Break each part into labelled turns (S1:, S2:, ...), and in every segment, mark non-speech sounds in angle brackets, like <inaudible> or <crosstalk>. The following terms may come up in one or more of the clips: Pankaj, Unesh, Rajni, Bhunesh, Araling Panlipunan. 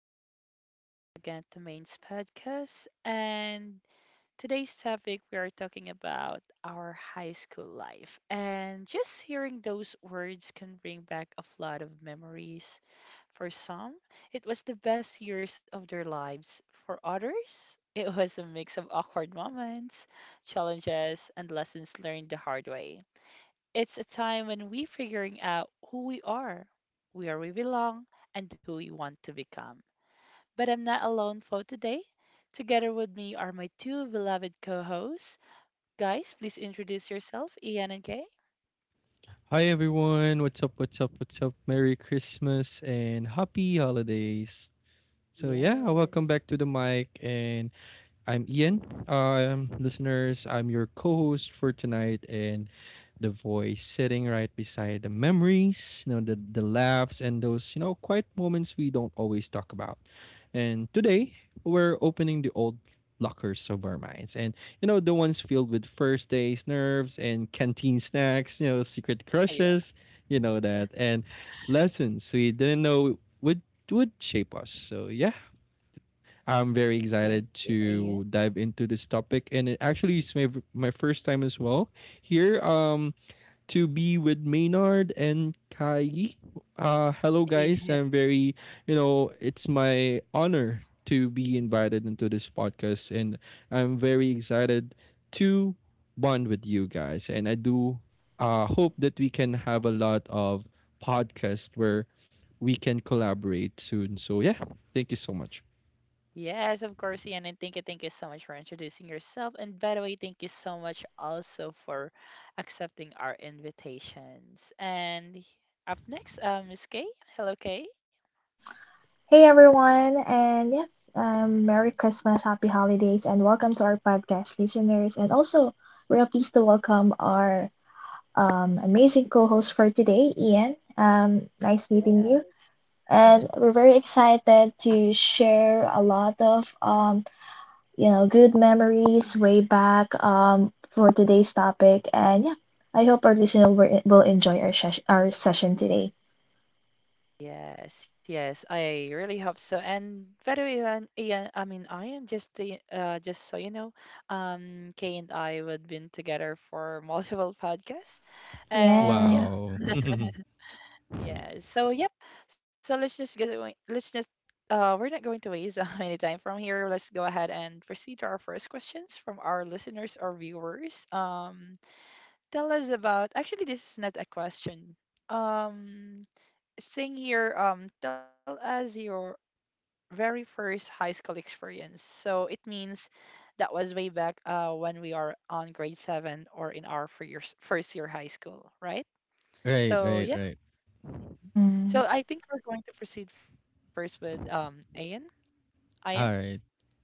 S1: morning, and welcome again to Main's podcast. And today's topic, we are talking about our high school life. And just hearing those words can bring back a flood of memories. For some, it was the best years of their lives. For others, it was a mix of awkward moments, challenges, and lessons learned the hard way. It's a time when we figuring out who we are, where we belong, and who we want to become. But I'm not alone for today. Together with me are my two beloved co-hosts. Guys, please introduce yourself, Ian and Kay.
S2: Hi everyone, what's up, what's up, what's up? Merry Christmas and happy holidays. So yeah, welcome
S1: Yes.
S2: back to the mic and I'm Ian. Listeners, I'm your co host for tonight, and the voice sitting right beside the memories, the laughs, and those, quiet moments we don't always talk about. And today, we're opening the old lockers of our minds. The ones filled with first days, nerves, and canteen snacks, secret
S1: Yeah.
S2: crushes, and lessons we didn't know would shape us. So yeah, I'm very
S1: Thank
S2: excited
S1: you, Ian.
S2: to dive into this topic, and it actually is my first time as well here. To be with Maynard and Kai. Hello guys.
S1: Ian.
S2: I'm very, it's my honor to be invited into this podcast, and I'm very excited to bond with you guys. And I do, hope that we can have a lot of podcasts where we can collaborate soon. So yeah, thank you so much.
S1: Yes, of course, Ian. And thank you so much for introducing yourself. And by the way, thank you so much also for accepting our invitations. And up next, Miss Kay. Hello, Kay.
S3: Hey everyone, and yes, Merry Christmas, Happy Holidays, and welcome to our podcast listeners. And also, we're pleased to welcome our amazing co host for today, Ian. Nice meeting you.
S1: Yes.
S3: And
S1: <laughs>
S3: we're very excited to share a lot of good memories way back for today's topic. And yeah, I hope our listener will enjoy our session today.
S1: Yes, yes, I really hope so. And by the way, Ian, Ian, I mean, I am just just so you know, Kay and I would been together for <laughs> multiple podcasts, and
S3: Yeah.
S1: yeah,
S2: Wow. <laughs>
S1: yeah. So yep. So let's just get away. Let's just we're not going to waste <laughs> any time from here. Let's go ahead and proceed to our first questions from our listeners or viewers. Tell us about. Actually, this is not a question. Um, Saying here, tell us your very first high school experience. So it means that was way back when we are on grade seven or in our first year high school, right?
S2: Right,
S1: So yeah,
S2: right, right.
S1: so
S3: Hmm.
S1: I think we're going to proceed first with Ian. Ian.
S2: All right.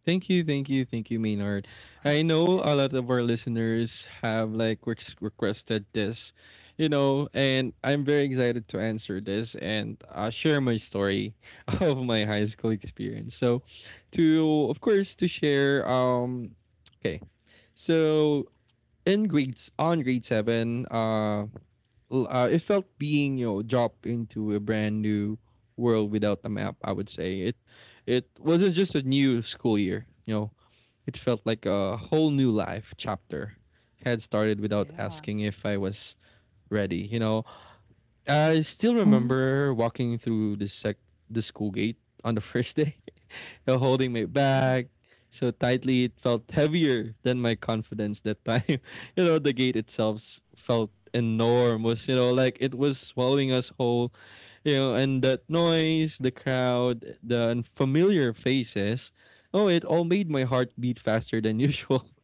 S2: Thank you, thank you, thank you, Maynard. I know a lot of our listeners have like requested this, and I'm very excited to answer this and share my story <laughs> of my high school experience. So, to of course to share. Okay, so in grades on grade 7, it felt being dropped into a brand new world without a map. I would say it wasn't just a new school year. You know, it felt like a whole new life chapter had started without
S1: Yeah,
S2: asking if I was ready. You know, I still
S3: Hmm.
S2: remember walking through the school gate on the <laughs> first day holding
S1: <laughs>
S2: me back so tightly. It felt heavier than my confidence that time. <laughs> The gate itself felt enormous, you know, like it was swallowing us whole. You know, and that noise, the crowd, the unfamiliar faces. Oh, it all made my heart beat faster than usual. <laughs>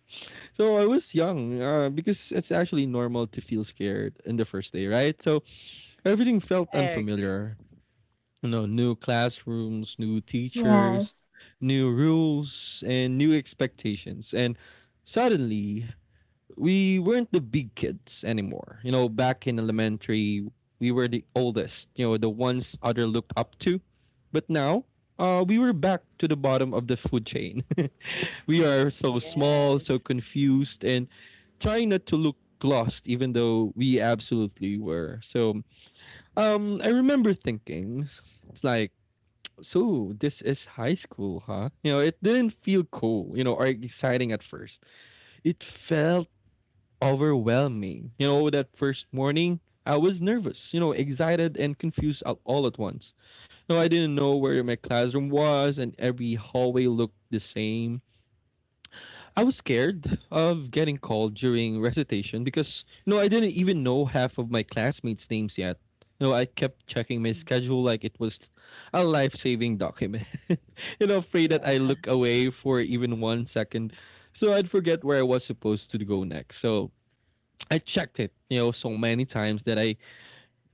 S2: So I was young, because it's actually normal to feel scared in the first day, right? So everything felt
S1: I
S2: unfamiliar,
S1: agree.
S2: you know, new classrooms, new
S3: Yes.
S2: teachers, new rules, and new expectations. And suddenly, we weren't the big kids anymore. You know, back in elementary, we were the oldest, you know, the ones other looked up to. But now, we were back to the bottom of the food chain. <laughs> We are so small, so
S1: Yes.
S2: confused, and trying not to look lost, even though we absolutely were. So, I remember thinking, it's like, so this is high school, huh? You know, it didn't feel cool, you know, or exciting at first. It felt overwhelming. You know, that first morning, I was nervous, you know, excited and confused all at once. You know, I didn't know where my classroom was, and every hallway looked the same. I was scared of getting called during recitation because you know I didn't even know half of my classmates' names yet. You know, I kept checking my
S1: Mm.
S2: schedule like it was a life-saving document. <laughs> You know, afraid that
S1: Yeah.
S2: I look away for even 1 second, so I'd forget where I was supposed to go next. So I checked it, you know, so many times that I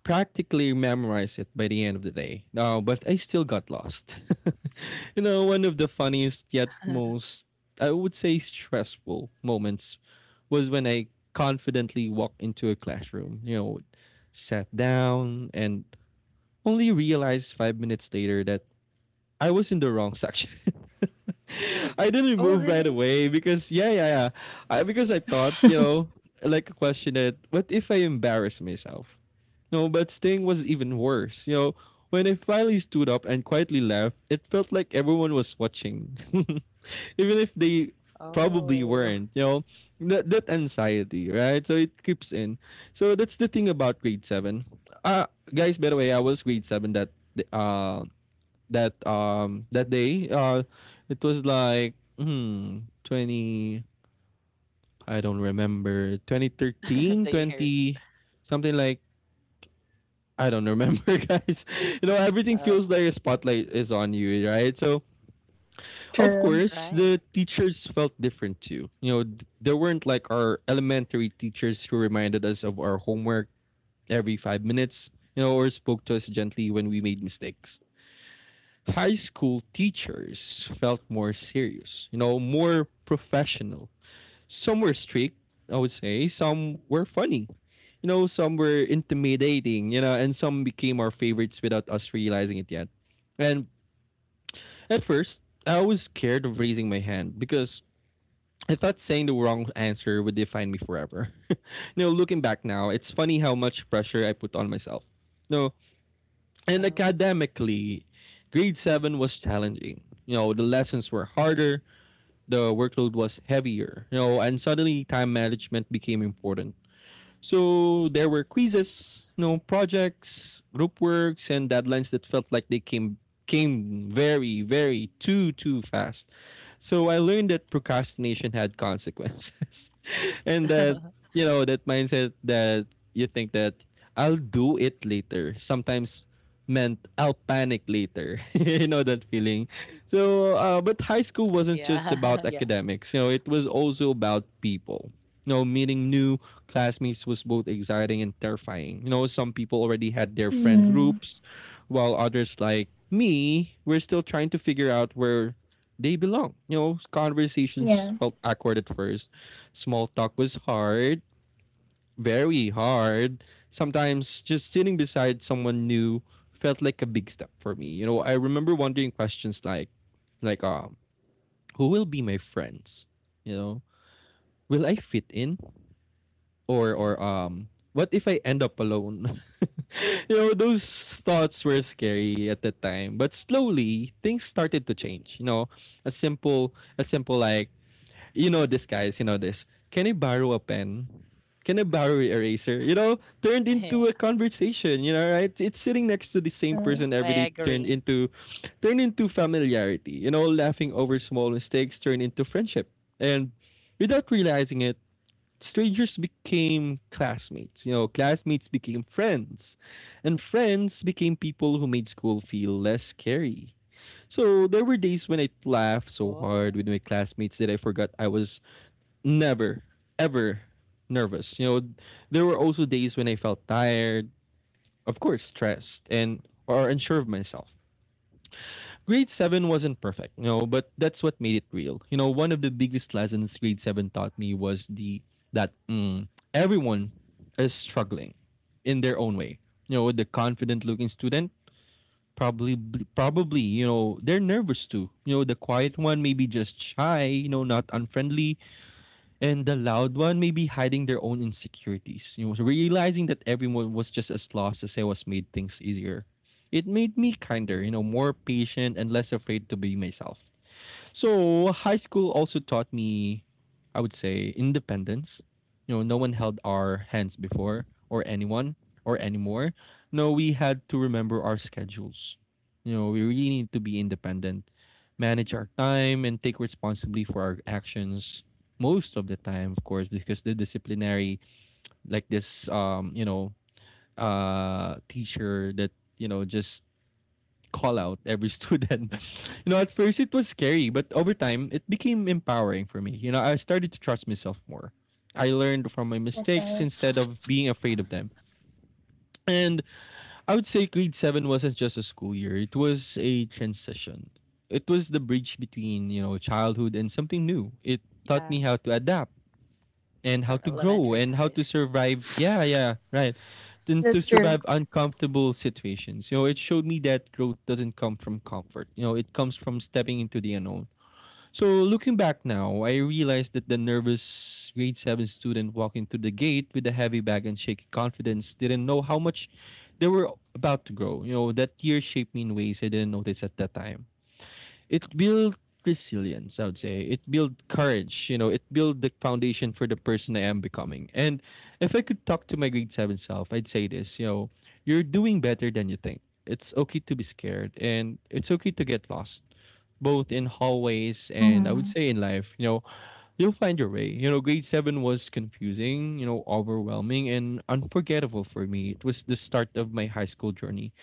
S2: practically memorized it by the end of the day. No, but I still got lost. <laughs> You know, one of the funniest yet
S1: <laughs>
S2: most, I would say, stressful moments was when I confidently walked into a classroom, you know, sat down, and only realized 5 minutes later that I was in the wrong section. <laughs> I
S1: Oh,
S2: didn't move
S1: really?
S2: right away because yeah yeah yeah I, because I thought you know like a question that what if I embarrass myself, no, but staying was even worse. You know, when I finally stood up and quietly left, it felt like everyone was watching, <laughs> even if they probably
S1: Oh,
S2: weren't. You know, that anxiety, right? So it creeps in. So that's the thing about grade 7. Uh Guys, by the way, I was grade 7 that that day. It was like hmm 20. I don't remember, twenty
S1: <laughs> they
S2: thirteen,
S1: hear.
S2: 20 something like I don't remember, <laughs> guys. You know,
S1: Oh,
S2: everything feels like a spotlight is on you, right? So,
S1: right.
S2: of
S3: True.
S2: course, the teachers felt different too. You know, there weren't like our elementary teachers who reminded us of our homework every 5 minutes, you know, or spoke to us gently when we made mistakes. High school teachers felt more serious, you know, more professional, some were strict, I would say. Some were funny. You know, some were intimidating, you know, and some became our favorites without us realizing it yet. And at first, I was scared of raising my hand because I thought saying the wrong answer would define me forever. <laughs> You know, looking back now, it's funny how much pressure I put on myself. No,
S1: Oh,
S2: and academically, grade 7 was challenging. You know, the lessons were harder, the workload was heavier, you know, and suddenly time management became important. So there were quizzes, no projects, group works, and deadlines that felt like they came very, too fast. So I learned that procrastination had consequences. <laughs> And that
S1: <laughs>
S2: you know that mindset that you think that I'll do it later. Sometimes meant I'll panic later. <laughs> You know that feeling.
S1: yeah, <laughs>
S2: So,
S1: yeah,
S2: but high school wasn't just about academics. You know, it was also about people. You know, meeting new classmates was both exciting and terrifying. You know, some people already had their friend
S3: Hmm.
S2: groups, while others, like me, were still trying to figure out where they belong. You know, conversations
S3: Yeah.
S2: felt awkward at first. Small talk was hard, very hard. Sometimes just sitting beside someone new felt like a big step for me. You know, I remember wondering questions like like um who will be my friends? You know, will I fit in or or
S1: yeah.
S2: um what if I end up alone? <laughs> You know, those thoughts were scary at the time, but slowly things started to change. You know, a simple a simple like you know this, guys. You know this. Can I borrow a pen? Can I borrow an eraser? You know, turned into a
S1: Yeah,
S2: conversation. You know, right? It's sitting next to the same
S3: Hmm.
S2: person every day.
S1: I agree.
S2: Turned into familiarity. You know, laughing over small mistakes turned into friendship, and without realizing it, strangers became classmates. You know, classmates became friends, and friends became people who made school feel less scary. So there were
S1: Oh,
S2: days when I laughed so hard with my classmates that I forgot I was never ever nervous. You know, there were also days when I felt tired, of course, stressed, and or unsure of myself. Grade 7 wasn't perfect, you know, but that's what made it real. You know, one of the biggest lessons grade 7 taught me was the that everyone is struggling in their own way. You know, the confident looking student probably probably, you know, they're nervous too. You know, the quiet one maybe just shy, you know, not unfriendly, and the loud one may be hiding their own insecurities. You know, so realizing that everyone was just as lost as I was made things easier. It made me kinder, you know, more patient and less afraid to be myself. So high school also taught me, I would say, independence. You know, no one held our hands before, or anyone, or anymore. No, we had to remember our schedules. You know, we really need to be independent, manage our time, and take responsibility for our actions most of the time, of course, because the disciplinary, like this, you know, teacher that you know just call out every student. <laughs> You know, at first it was scary, but over time it became empowering for me. You know, I started to trust myself more. I learned from my
S3: That's
S2: mistakes
S3: right.
S2: instead of being afraid of them. And I would say grade 7 wasn't just a school year, it was a transition. It was the bridge between, you know, childhood and something
S1: yeah,
S2: new. It taught me how to adapt,
S1: from
S2: and how to
S1: elementary to
S2: grow
S1: high
S2: and how
S1: school.
S2: to survive. Yeah, yeah, right. And to
S3: That's true.
S2: survive uncomfortable situations. You know, it showed me that growth doesn't come from comfort. You know, it comes from stepping into the unknown. So looking back now, I realized that the nervous grade 7 student walking through the gate with a heavy bag and shaky confidence didn't know how much they were about to grow. You know, that year shaped me in ways I didn't notice at that time it built resilience, I would say. It built courage, you know, it built the foundation for the person I am becoming. And if I could talk to my grade 7 self, I'd say this, you know, you're doing better than you think. It's okay to be scared and it's okay to get lost, both in hallways and, I would
S3: Hmm.
S2: say, in life, you know. You'll find your way. You know, grade 7 was confusing, you know, overwhelming, and unforgettable for me. It was the start of my high school journey.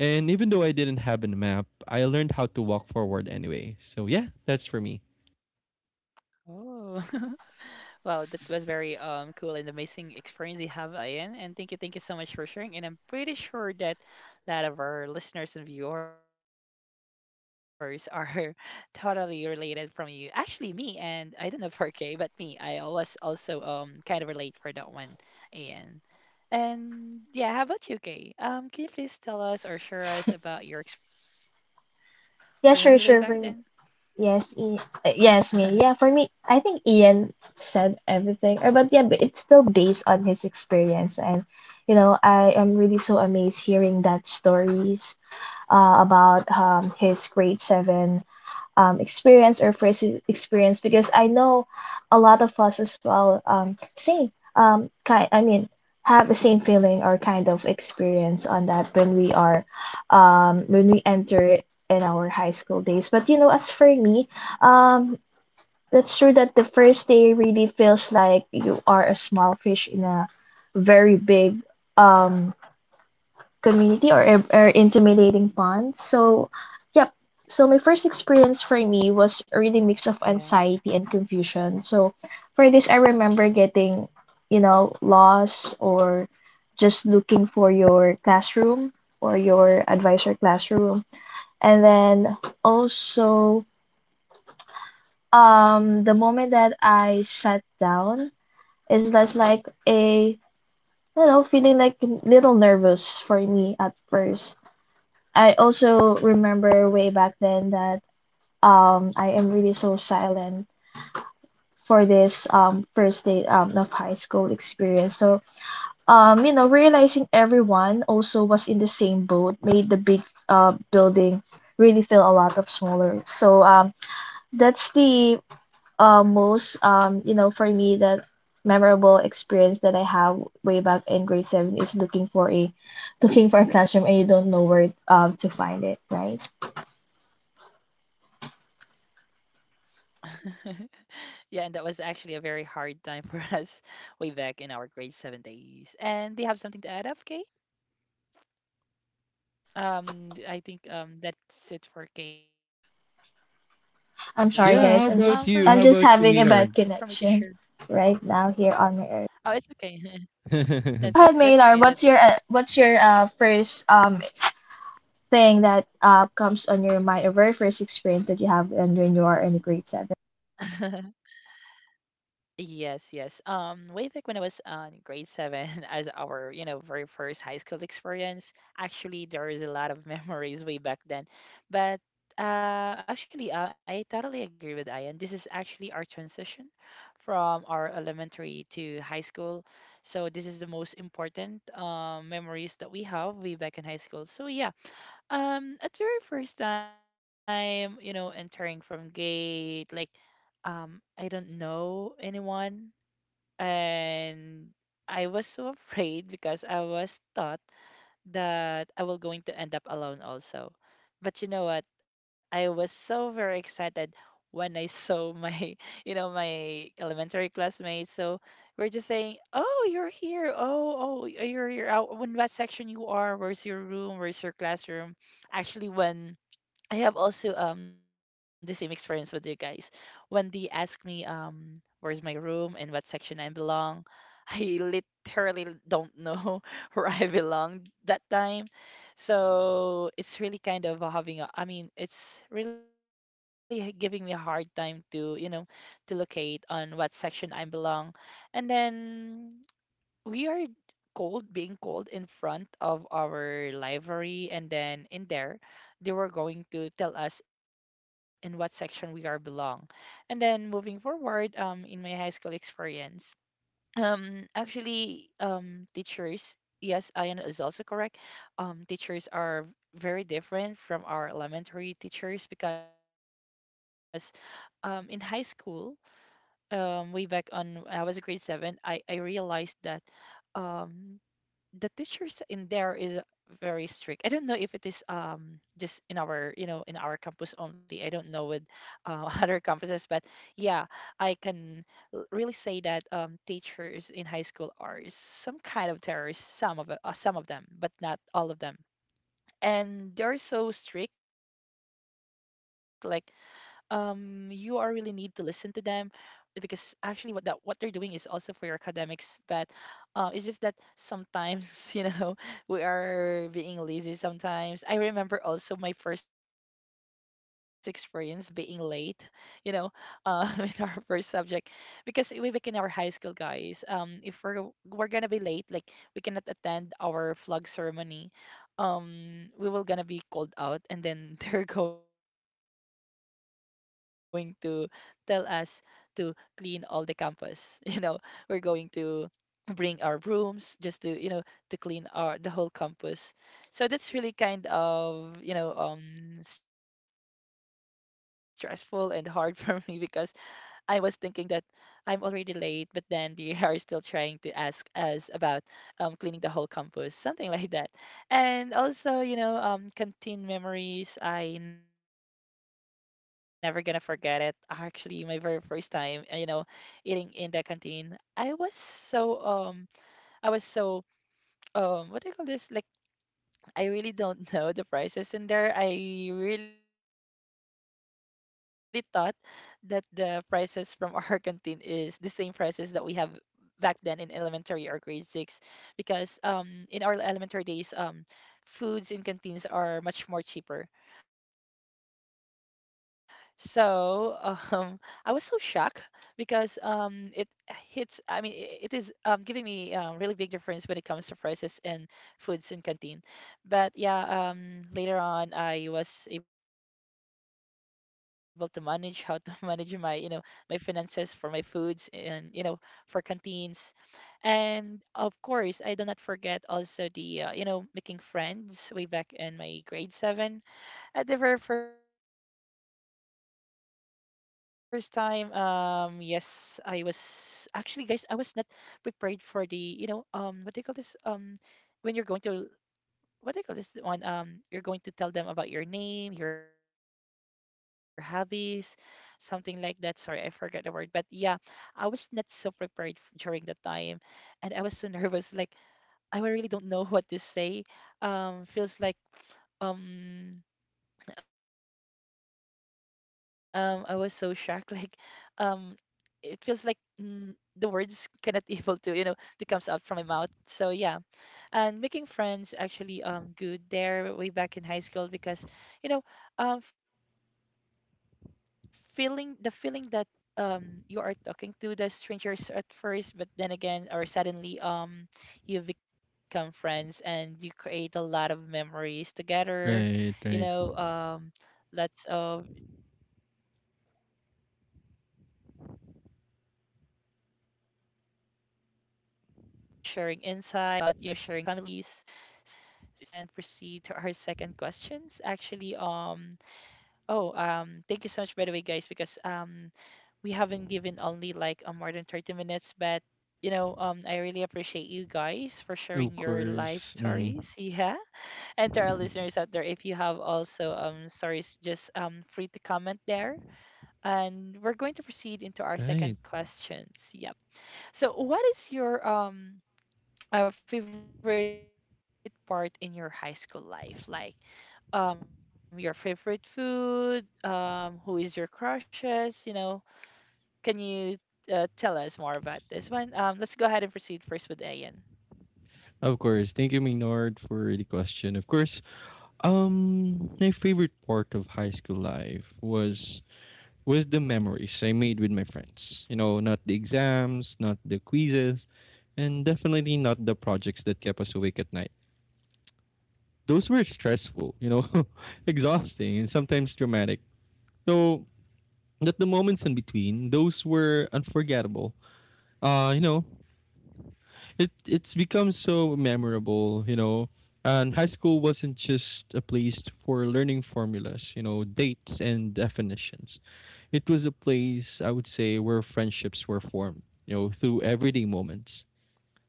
S2: And even though I didn't have a map, I learned how to walk forward anyway. So, yeah, that's for me.
S1: Oh, <laughs> wow, that was very cool and amazing experience you have, Ian. And thank you so much for sharing. And I'm pretty sure that a lot of our listeners and viewers are <laughs> totally related from you. Actually, me and I don't know for Kay, but me, I always also kind of relate for that one, Ian. And yeah, how about you, Kay? Can you please tell us or share us about your experience way back then?
S3: Yeah, sure, sure. For me. Yes, e
S1: <laughs>
S3: yes, me. Yeah, for me, I think Ian said everything. But yeah, but it's still based on his experience, and you know, I am really so amazed hearing that stories about his grade seven experience or first experience because I know a lot of us as well same kind I mean have the same feeling or kind of experience on that when we are when we enter in our high school days. But you know, as for me, um, that's true that the first day really feels like you are a small fish in a very big um community, or, or intimidating bonds. So, yep.
S1: Yeah.
S3: So my first experience for me was a really mix of anxiety and confusion. So for this, I remember getting, you know, lost or just looking for your classroom or your advisor classroom. And then also, the moment that I sat down is less like a you know feeling like little nervous for me at first. I also remember way back then that I am really so silent for this first day of high school experience. So you know realizing everyone also was in the same boat made the big building really feel a lot of smaller. So that's the most you know for me that memorable experience that I have way back in grade seven is looking for a classroom and you don't know where to find it, right?
S1: <laughs> Yeah, and that was actually a very hard time for us <laughs> way back in our grade seven days. And do you have something to add up, Kay? I think that's it for Kay. Well, for me, guys,
S3: I'm sorry,
S1: for
S2: Yeah,
S1: me
S2: how
S1: to
S3: guys. I'm
S1: share.
S2: about
S3: just
S2: you? How
S3: I'm just
S2: about you,
S3: having a bad
S2: Maynard?
S3: connection right
S1: Oh,
S3: now
S1: it's
S3: here on my
S1: okay.
S3: earth.
S1: <laughs> That's
S3: Yeah,
S1: right.
S3: go
S1: That's
S2: <laughs>
S3: ahead,
S1: okay. That's
S3: Maynard. What's your first thing that comes on your mind? Or very first experience that you have
S1: okay. <laughs>
S3: and when you are in grade seven?
S1: Yes, yes. Way back when I was on grade seven, <laughs> as our, very first high school experience, actually there is a lot of <laughs> memories way back then. But actually, I totally agree with Ian. This is actually our transition from our elementary to high school. So this is the most important memories that we have way back in high school. So yeah, at very first time, entering from gate, like, I don't know anyone, and I was so <laughs> afraid because I was taught that I will going to end up alone also. But you know what? I was so very excited when I saw my, <laughs> my elementary classmates. So we're just saying, "Oh, you're here! Oh, oh, you're out. When what section you are? Where's your room? Where's your classroom?" Actually, when I have also the same experience with you guys. When they ask me where's my room and what section I belong, <laughs> I literally don't know <laughs> where I belong that time. So it's really kind of having a, I mean, it's really giving me a hard time to locate on what section I belong. And then we are cold being cold in front of our library, and then in there they were going to tell us in what section we are belong. And then moving forward in my high school experience, actually, teachers, yes, Ian is also correct, teachers are very different from our elementary teachers, because in high school, way back on I was grade 7, I realized that um the teachers in there is very strict. I don't know if it is just in our campus only. I don't know with <laughs> other campuses, but yeah, I can really say that teachers in high school are some kind of terrorists. Some of some of them, but not all of them. And they're so strict. Like you are really need to listen to them, because actually what they're doing is also for your academics, but it's just that sometimes <laughs> we are being lazy. Sometimes I remember also my first experience being late, you know <laughs> in our first subject, because we back in our high school, guys, if we're gonna be late, like we cannot attend our flag ceremony, we will gonna be called out, and then <laughs> they're going to tell us to clean all the campus. <laughs> You know, we're going to bring our brooms just to clean our the whole campus. So that's really kind of stressful and hard <laughs> for me, because I was thinking that I'm already late, but then they <laughs> are still trying to ask us about cleaning the whole campus, something <laughs> like that. And also, canteen memories. I never gonna forget it. Actually, my very first time, eating in the canteen. I was so um, I was so what do you call this? Like I really don't <laughs> know the prices in there. I really thought that the prices from our <laughs> canteen is the same prices that we have back then in elementary or grade six, because in our elementary days foods in canteens are much more cheaper. So, <laughs> um, I was so shocked, because it hits, I mean, it is giving me a really big difference when it comes to prices and foods in canteen. But yeah, later on, I was able to manage how to <laughs> manage my finances for my foods and, for canteens. And of course, I do not forget also making friends way back in my grade seven at the very first time. Yes, I was actually, guys, I was not prepared for the, what do you call this? When you're going to, what do you call this one? You're going to tell them about your name, your hobbies, something like that. Sorry, I forgot the word, but yeah, I was not so prepared during that time, and I was so <laughs> nervous. Like I really don't know what to say. Feels like um I was so shocked, <laughs> like um it feels like mm, the words cannot <laughs> able to you know to comes out from my mouth. So yeah, and making friends actually good there way back in high school, because you know um feeling the feeling that you are talking to the strangers at first, but then again or suddenly you become friends and you create a lot of memories together, you know um
S2: Right,
S1: lots
S2: right.
S1: of sharing insights about, sharing families. So yeah, that is all for me with back on my high school. So right now, let's go ahead and proceed to our second questions. Actually, oh, thank you so much by the way, guys, because we haven't given only like more than 30 minutes, but I really appreciate you guys for
S2: Of
S1: sharing your life
S2: course. Hmm.
S1: stories. <laughs> Yeah, and to our
S2: <laughs>
S1: listeners out there, if you have also stories, just free to comment there. And we're going to proceed into our
S2: Right.
S1: second questions. Yep. So, what is your a favorite part in your high school life, like your favorite food, who is your crushes, can you tell us more about this one, let's go ahead and proceed first with Ayan.
S2: Of course. Thank you, Maynard, for the question. Of course. My favorite part of high school life was the memories I made with my friends. You know, not the exams, not the quizzes, and definitely not the projects that kept us awake at night. Those were stressful, you know, <laughs> exhausting and sometimes dramatic. So that the moments in between, those were unforgettable. You know, it's become so memorable, you know. And high school wasn't just a place for learning formulas, you know, dates and definitions. It was a place, I would say, where friendships were formed, you know, through everyday moments.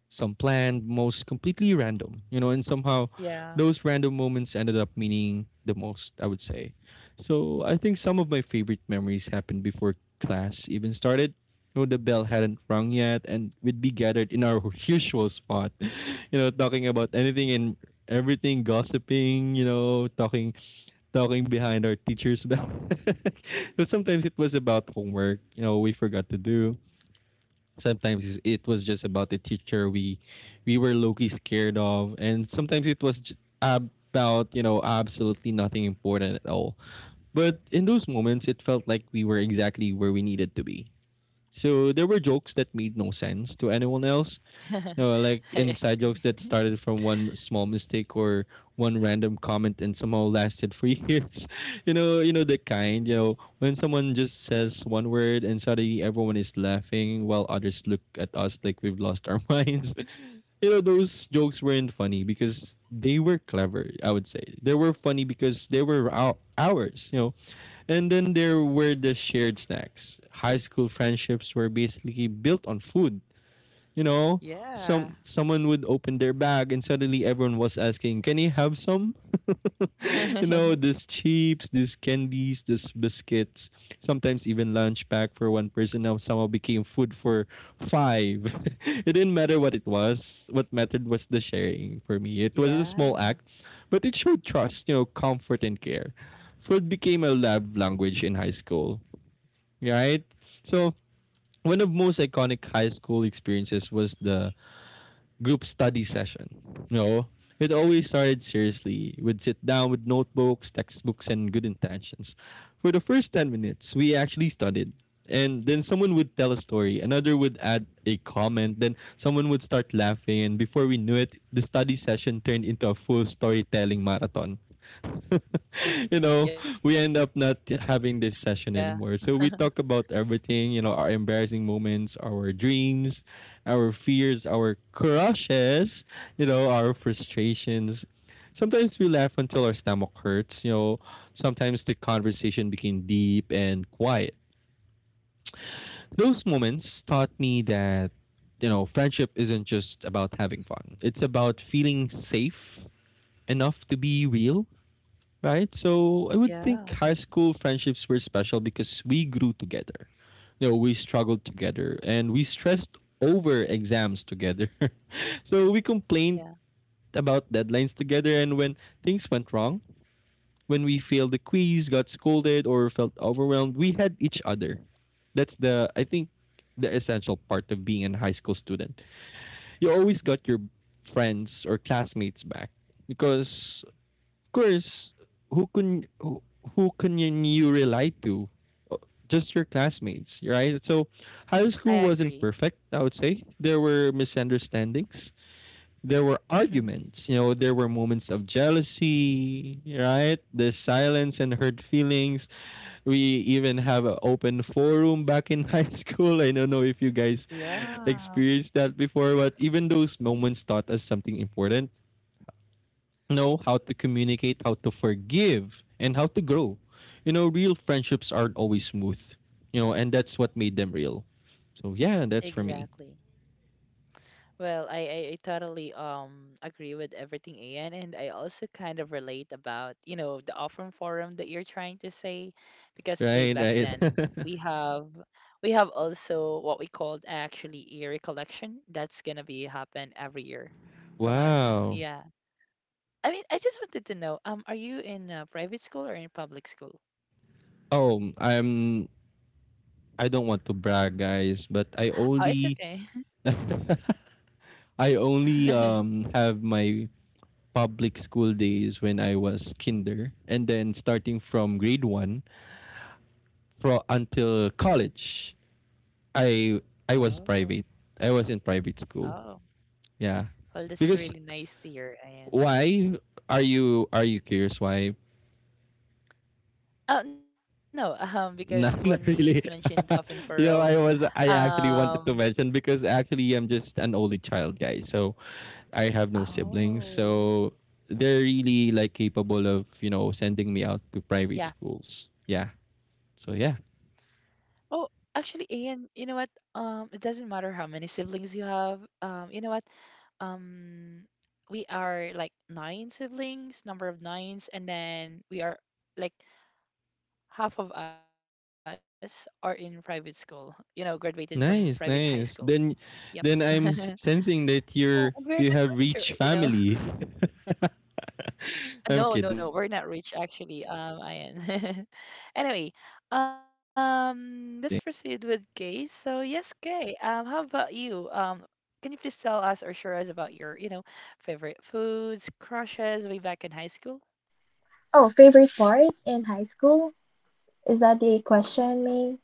S2: Some planned, most completely random, you know, and somehow
S1: Yeah.
S2: those random moments ended up meaning the most, I would say. So I think some of my favorite memories happened before class even started. You know, the bell hadn't rung yet, and we'd be gathered in our <laughs> usual spot, <laughs> you know, talking about anything and everything, gossiping, you know, talking behind our teacher's back. <laughs> But sometimes it was about homework, you know, we forgot to do. It was just about the teacher we were low-key scared of, and sometimes it was about, you know, absolutely nothing important at all. But in those moments, it felt like we were exactly where we needed to be. So there were jokes that made no sense to anyone else, no, like inside
S1: <laughs>
S2: jokes that started from one small mistake or one random comment and somehow lasted for <laughs> years. You know the kind, you know, when someone just says one word and suddenly everyone is laughing while others look at us like we've lost our <laughs> minds. You know, those jokes weren't funny because they were clever, I would say. They were funny because they were ours, you know. And then there were the shared snacks. High school friendships were basically built on food, you know. some
S1: Yeah.
S2: someone would open their bag and suddenly everyone was asking, "Can you have some?" <laughs> You know, these
S1: <laughs>
S2: chips, these candies, these biscuits. Sometimes even lunch pack for one person now somehow became food for five. <laughs> It didn't matter what it was. What mattered was the sharing for me. It was a small act,
S1: Yeah.
S2: but it showed trust, you know, comfort and care. Food became a love language in high school, right? So one of most iconic high school experiences was the group study session. No, it always started seriously. We'd sit down with notebooks, textbooks, and good intentions. For the first 10 minutes, we actually studied. And then someone would tell a story, another would add a comment, then someone would start laughing, and before we knew it, the study session turned into a full storytelling marathon. <laughs> You know, we end
S1: Yeah.
S2: up not having this session anymore. So we talk about everything, you know, our embarrassing moments, our dreams, our fears, our crushes, you know, our frustrations. Sometimes we laugh until our stomach hurts, you know. Sometimes the conversation became deep and quiet. Those moments taught me that, you know, friendship isn't just about having fun, it's about feeling safe enough to be real, right? So I would think high
S1: Yeah,
S2: school friendships were special because we grew together. No, we struggled together and we stressed over exams together. <laughs> So we complained
S1: yeah,
S2: about deadlines together, and when things went wrong, when we failed the quiz, got scolded or felt overwhelmed, we had each other. That's the I think the essential part of being a high school student. You always got your friends or classmates back because course, who can who who can you rely to? Uh, Just your classmates, right? So, high
S1: I
S2: school wasn't
S1: agree.
S2: perfect. I would say there were misunderstandings, there were
S1: <laughs>
S2: arguments. You know, there were moments of jealousy, right? There's silence and hurt feelings. We even have an open forum back in <laughs> high school. I don't know if you guys
S1: Yeah.
S2: experienced that before, but even those moments taught us something important, know how to communicate, how to forgive, and how to grow. You know, real friendships aren't always smooth, you know, and that's what made them real. So yeah, that's for me.
S1: Exactly. Well, I totally agree with everything Ian, and I also kind of relate about, the offering forum that you're trying to say,
S2: Right,
S1: because way
S2: right.
S1: back then
S2: <laughs>
S1: we have also what we called actually a recollection that's gonna be happen every year from us.
S2: Wow.
S1: Yeah. I mean, I just wanted to know, are you in private school or in public school?
S2: Oh, I don't want to brag, guys, but I
S1: Oh, it's
S2: only
S1: okay.
S2: <laughs> I only
S1: <laughs>
S2: have my public school days when I was kinder, and then starting from grade 1 fro until college I I was
S1: Oh,
S2: private. I was in private school.
S1: oh.
S2: Yeah.
S1: Well, that's really
S2: Because
S1: nice to hear, Ian.
S2: why are you curious why?
S1: Oh, no, because when
S2: <laughs>
S1: you
S2: Not, not
S1: mentioned
S2: really.
S1: oven for Rome,
S2: <laughs> You know, I
S1: um,
S2: actually wanted to mention because actually I'm just an only child, guys. So I have no siblings.
S1: oh,
S2: So they're really like capable of, you know, sending me out to
S1: yeah.
S2: private schools. Yeah. So
S1: Oh,
S2: yeah.
S1: actually, Ian, you know what? It doesn't matter how many siblings you have. You know what? Um, we are like nine siblings, number of nines, and then we are like half of us are in private school, you know, graduated from private high school.
S2: Nice,
S1: Yep.
S2: nice.
S1: <laughs>
S2: Then I'm
S1: Yeah, and we're not
S2: sensing that
S1: rich, you know.
S2: you have reached family.
S1: No, no, no. We're
S2: <laughs>
S1: not
S2: I'm
S1: rich
S2: kidding. I'm
S1: actually.
S2: kidding. I'm kidding.
S1: Ian. <laughs> Anyway, let's proceed with Kay. So yes, Kay. How about you? Can you please tell us or share us about your, you know, favorite foods, crushes way back in high school?
S3: Oh, favorite part in high school? Is that the question,
S1: Yes.
S3: May?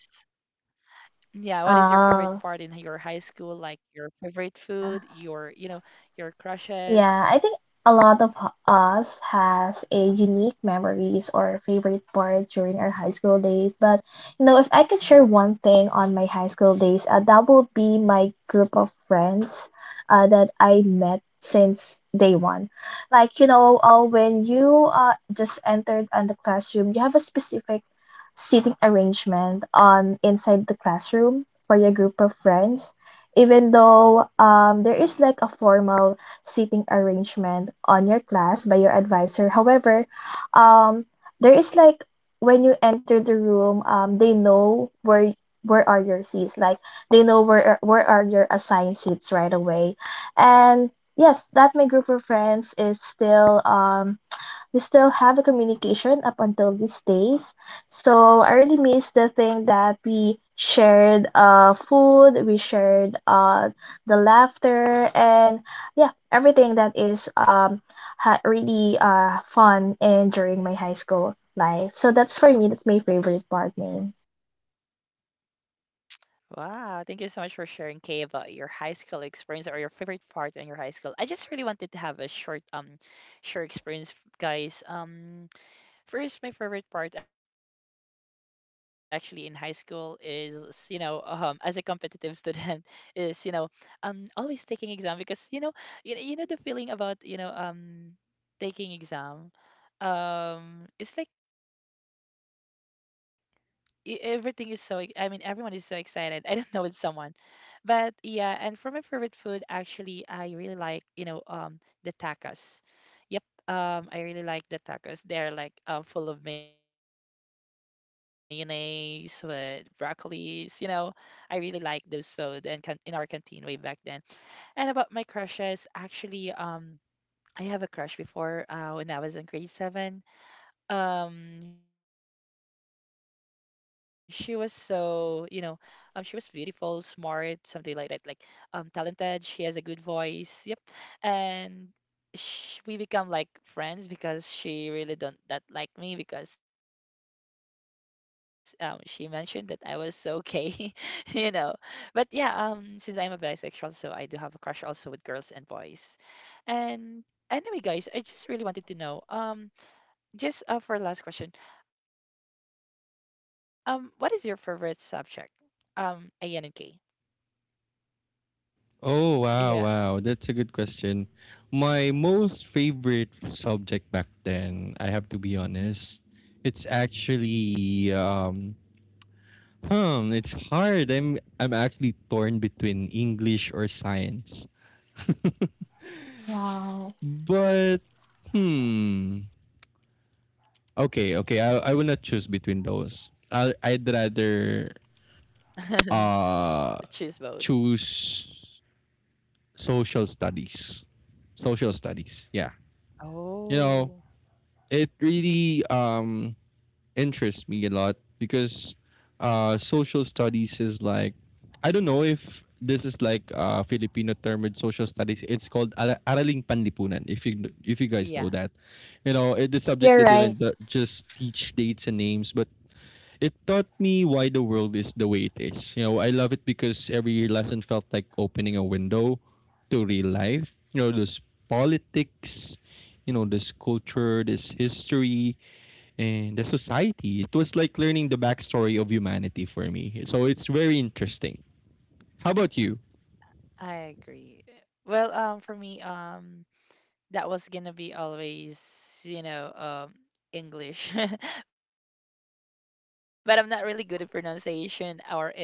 S1: Yeah, what is your favorite part in your high school?
S3: Ah,
S1: Like your favorite food, your, you
S3: yeah.
S1: know, your crushes.
S3: Yeah, I think a lot of us has a unique memories or favorite part during our high school days. But you know, if I could share one thing on my high school days, that would be my group of friends that I met since day one. Like you know, when you just entered on the classroom, you have a specific seating arrangement on inside the classroom for your group of friends even though there is like a formal seating arrangement on your class by your advisor. However, um, there is like when you enter the room, they know where are your seats. Like they know where are your assigned seats right away. And yes, that my group of friends is still we still have a communication up until these days. So I really miss the thing that we shared food, we shared the laughter and yeah, everything that is really fun and during my high school life. So that's for me, that's my favorite part, man.
S1: Wow, thank you so much for sharing, Kay, about your high school experience or your favorite part in your high school. I just really wanted to have a short, short experience, guys. First, my favorite part actually in high school is, you know, as a competitive student, <laughs> is you know, always taking exam because you know, you know the feeling about you know, taking exam. It's like. Everything is so. I mean, everyone is so excited. <laughs> I don't know with someone but yeah, and for my favorite food, actually, I really like, you know, the tacos. Yep, I really like the tacos. They're like full of mayonnaise with broccolis, you know. I really like those food and can in our canteen way back then. And about my crushes, actually, I have a crush before when I was in grade 7. She was so you know, she was beautiful, smart, something like that, like, talented, she has a good voice. Yep. And sh we become like friends because she really don't that like me because she mentioned that I was so gay, <laughs> you know. But yeah, since I am a bisexual, so I do have a crush also with girls and boys. And anyway guys, I just really wanted to know, just for last question, what is your favorite subject? A N and K.
S2: Oh, wow,
S1: Yeah,
S2: wow. That's a good question. My most favorite subject back then, I have to be honest, it's actually hmm, it's hard. I'm actually torn between English or science. <laughs>
S3: Wow.
S2: but hmm Okay, okay. I will not choose between those. I'd rather
S1: <laughs> choose both.
S2: uh choose social studies. Social studies. Yeah. You know,
S1: Oh,
S2: it really interests me a lot because social studies is like I don't know if this is like a Filipino term with social studies. It's called Araling Panlipunan. If you if you guys know that,
S1: yeah,
S2: you know it, the subject
S3: You're
S2: that
S3: right.
S2: didn't just teach dates and names, but it taught me why the world is the way it is. You know, I love it because every lesson felt like opening a window to real life. You know, this politics, you know, this culture, this history, and the society. It was like learning the backstory of humanity for me. So it's very interesting. How about you?
S1: I agree. Well, for me, that was gonna be always, you know, English, <laughs> but I'm not really good at pronunciation or in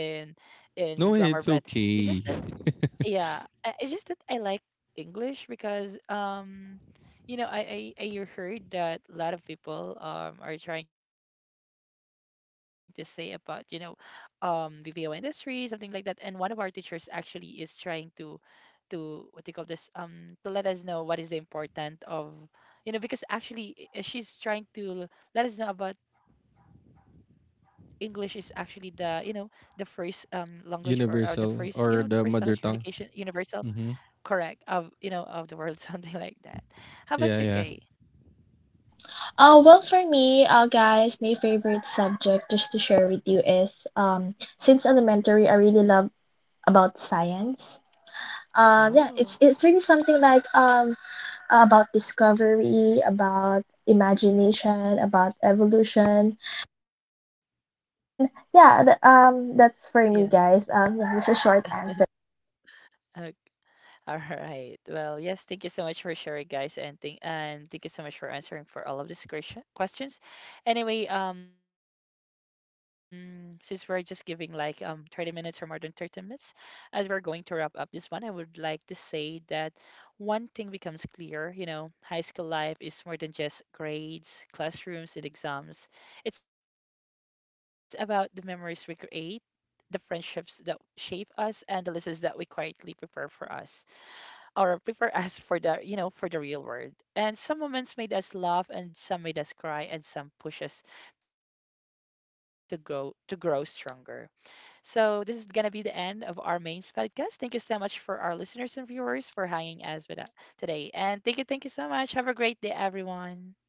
S1: grammar.
S2: No,
S1: But
S2: it's
S1: it's just that,
S2: okay.
S1: yeah, it's just that I like English because. You know, I heard that a lot of people are trying to say about, you know, BPO industry, something like that. And one of our teachers actually is trying to what do you call this? To let us know what is important of you know, because actually she's trying to let us know about English is actually the, you know, the first language or the first, you know, the first
S2: Universal
S1: language
S2: or the
S1: communication
S2: mother tongue.
S1: universal
S2: Mm-hmm.
S1: correct of, you know, of the world, <laughs> something like that. How
S2: Yeah,
S1: about you,
S2: yeah.
S1: Kay?
S3: Well, for me, guys, my favorite subject just to share with you is um, since elementary, I really love about science. Yeah, it's
S1: Oh,
S3: it's really something like about discovery, about imagination, about evolution, and then yeah,
S1: yeah.
S3: that's for me, guys. Yeah, just a short answer.
S1: <laughs> Ok- All right. Well, yes, thank you so much for sharing, guys, and thank you so much for answering for all of these questions. Anyway, since we're just giving like 30 minutes or more than 30 minutes, as we're going to wrap up this one, I would like to say that one thing becomes clear, you know, high school life is more than just grades, classrooms, and exams. It's about the memories we create, the friendships that shape us, and the lessons that we quietly prepare for us or prepare <laughs> us for the you know for the real world. And some moments made us laugh and some made us cry and some push us to grow stronger. So this is gonna be the end of our main podcast. Thank you so much for our listeners and viewers for hanging us with us today. And thank you so much. Have a great day, everyone.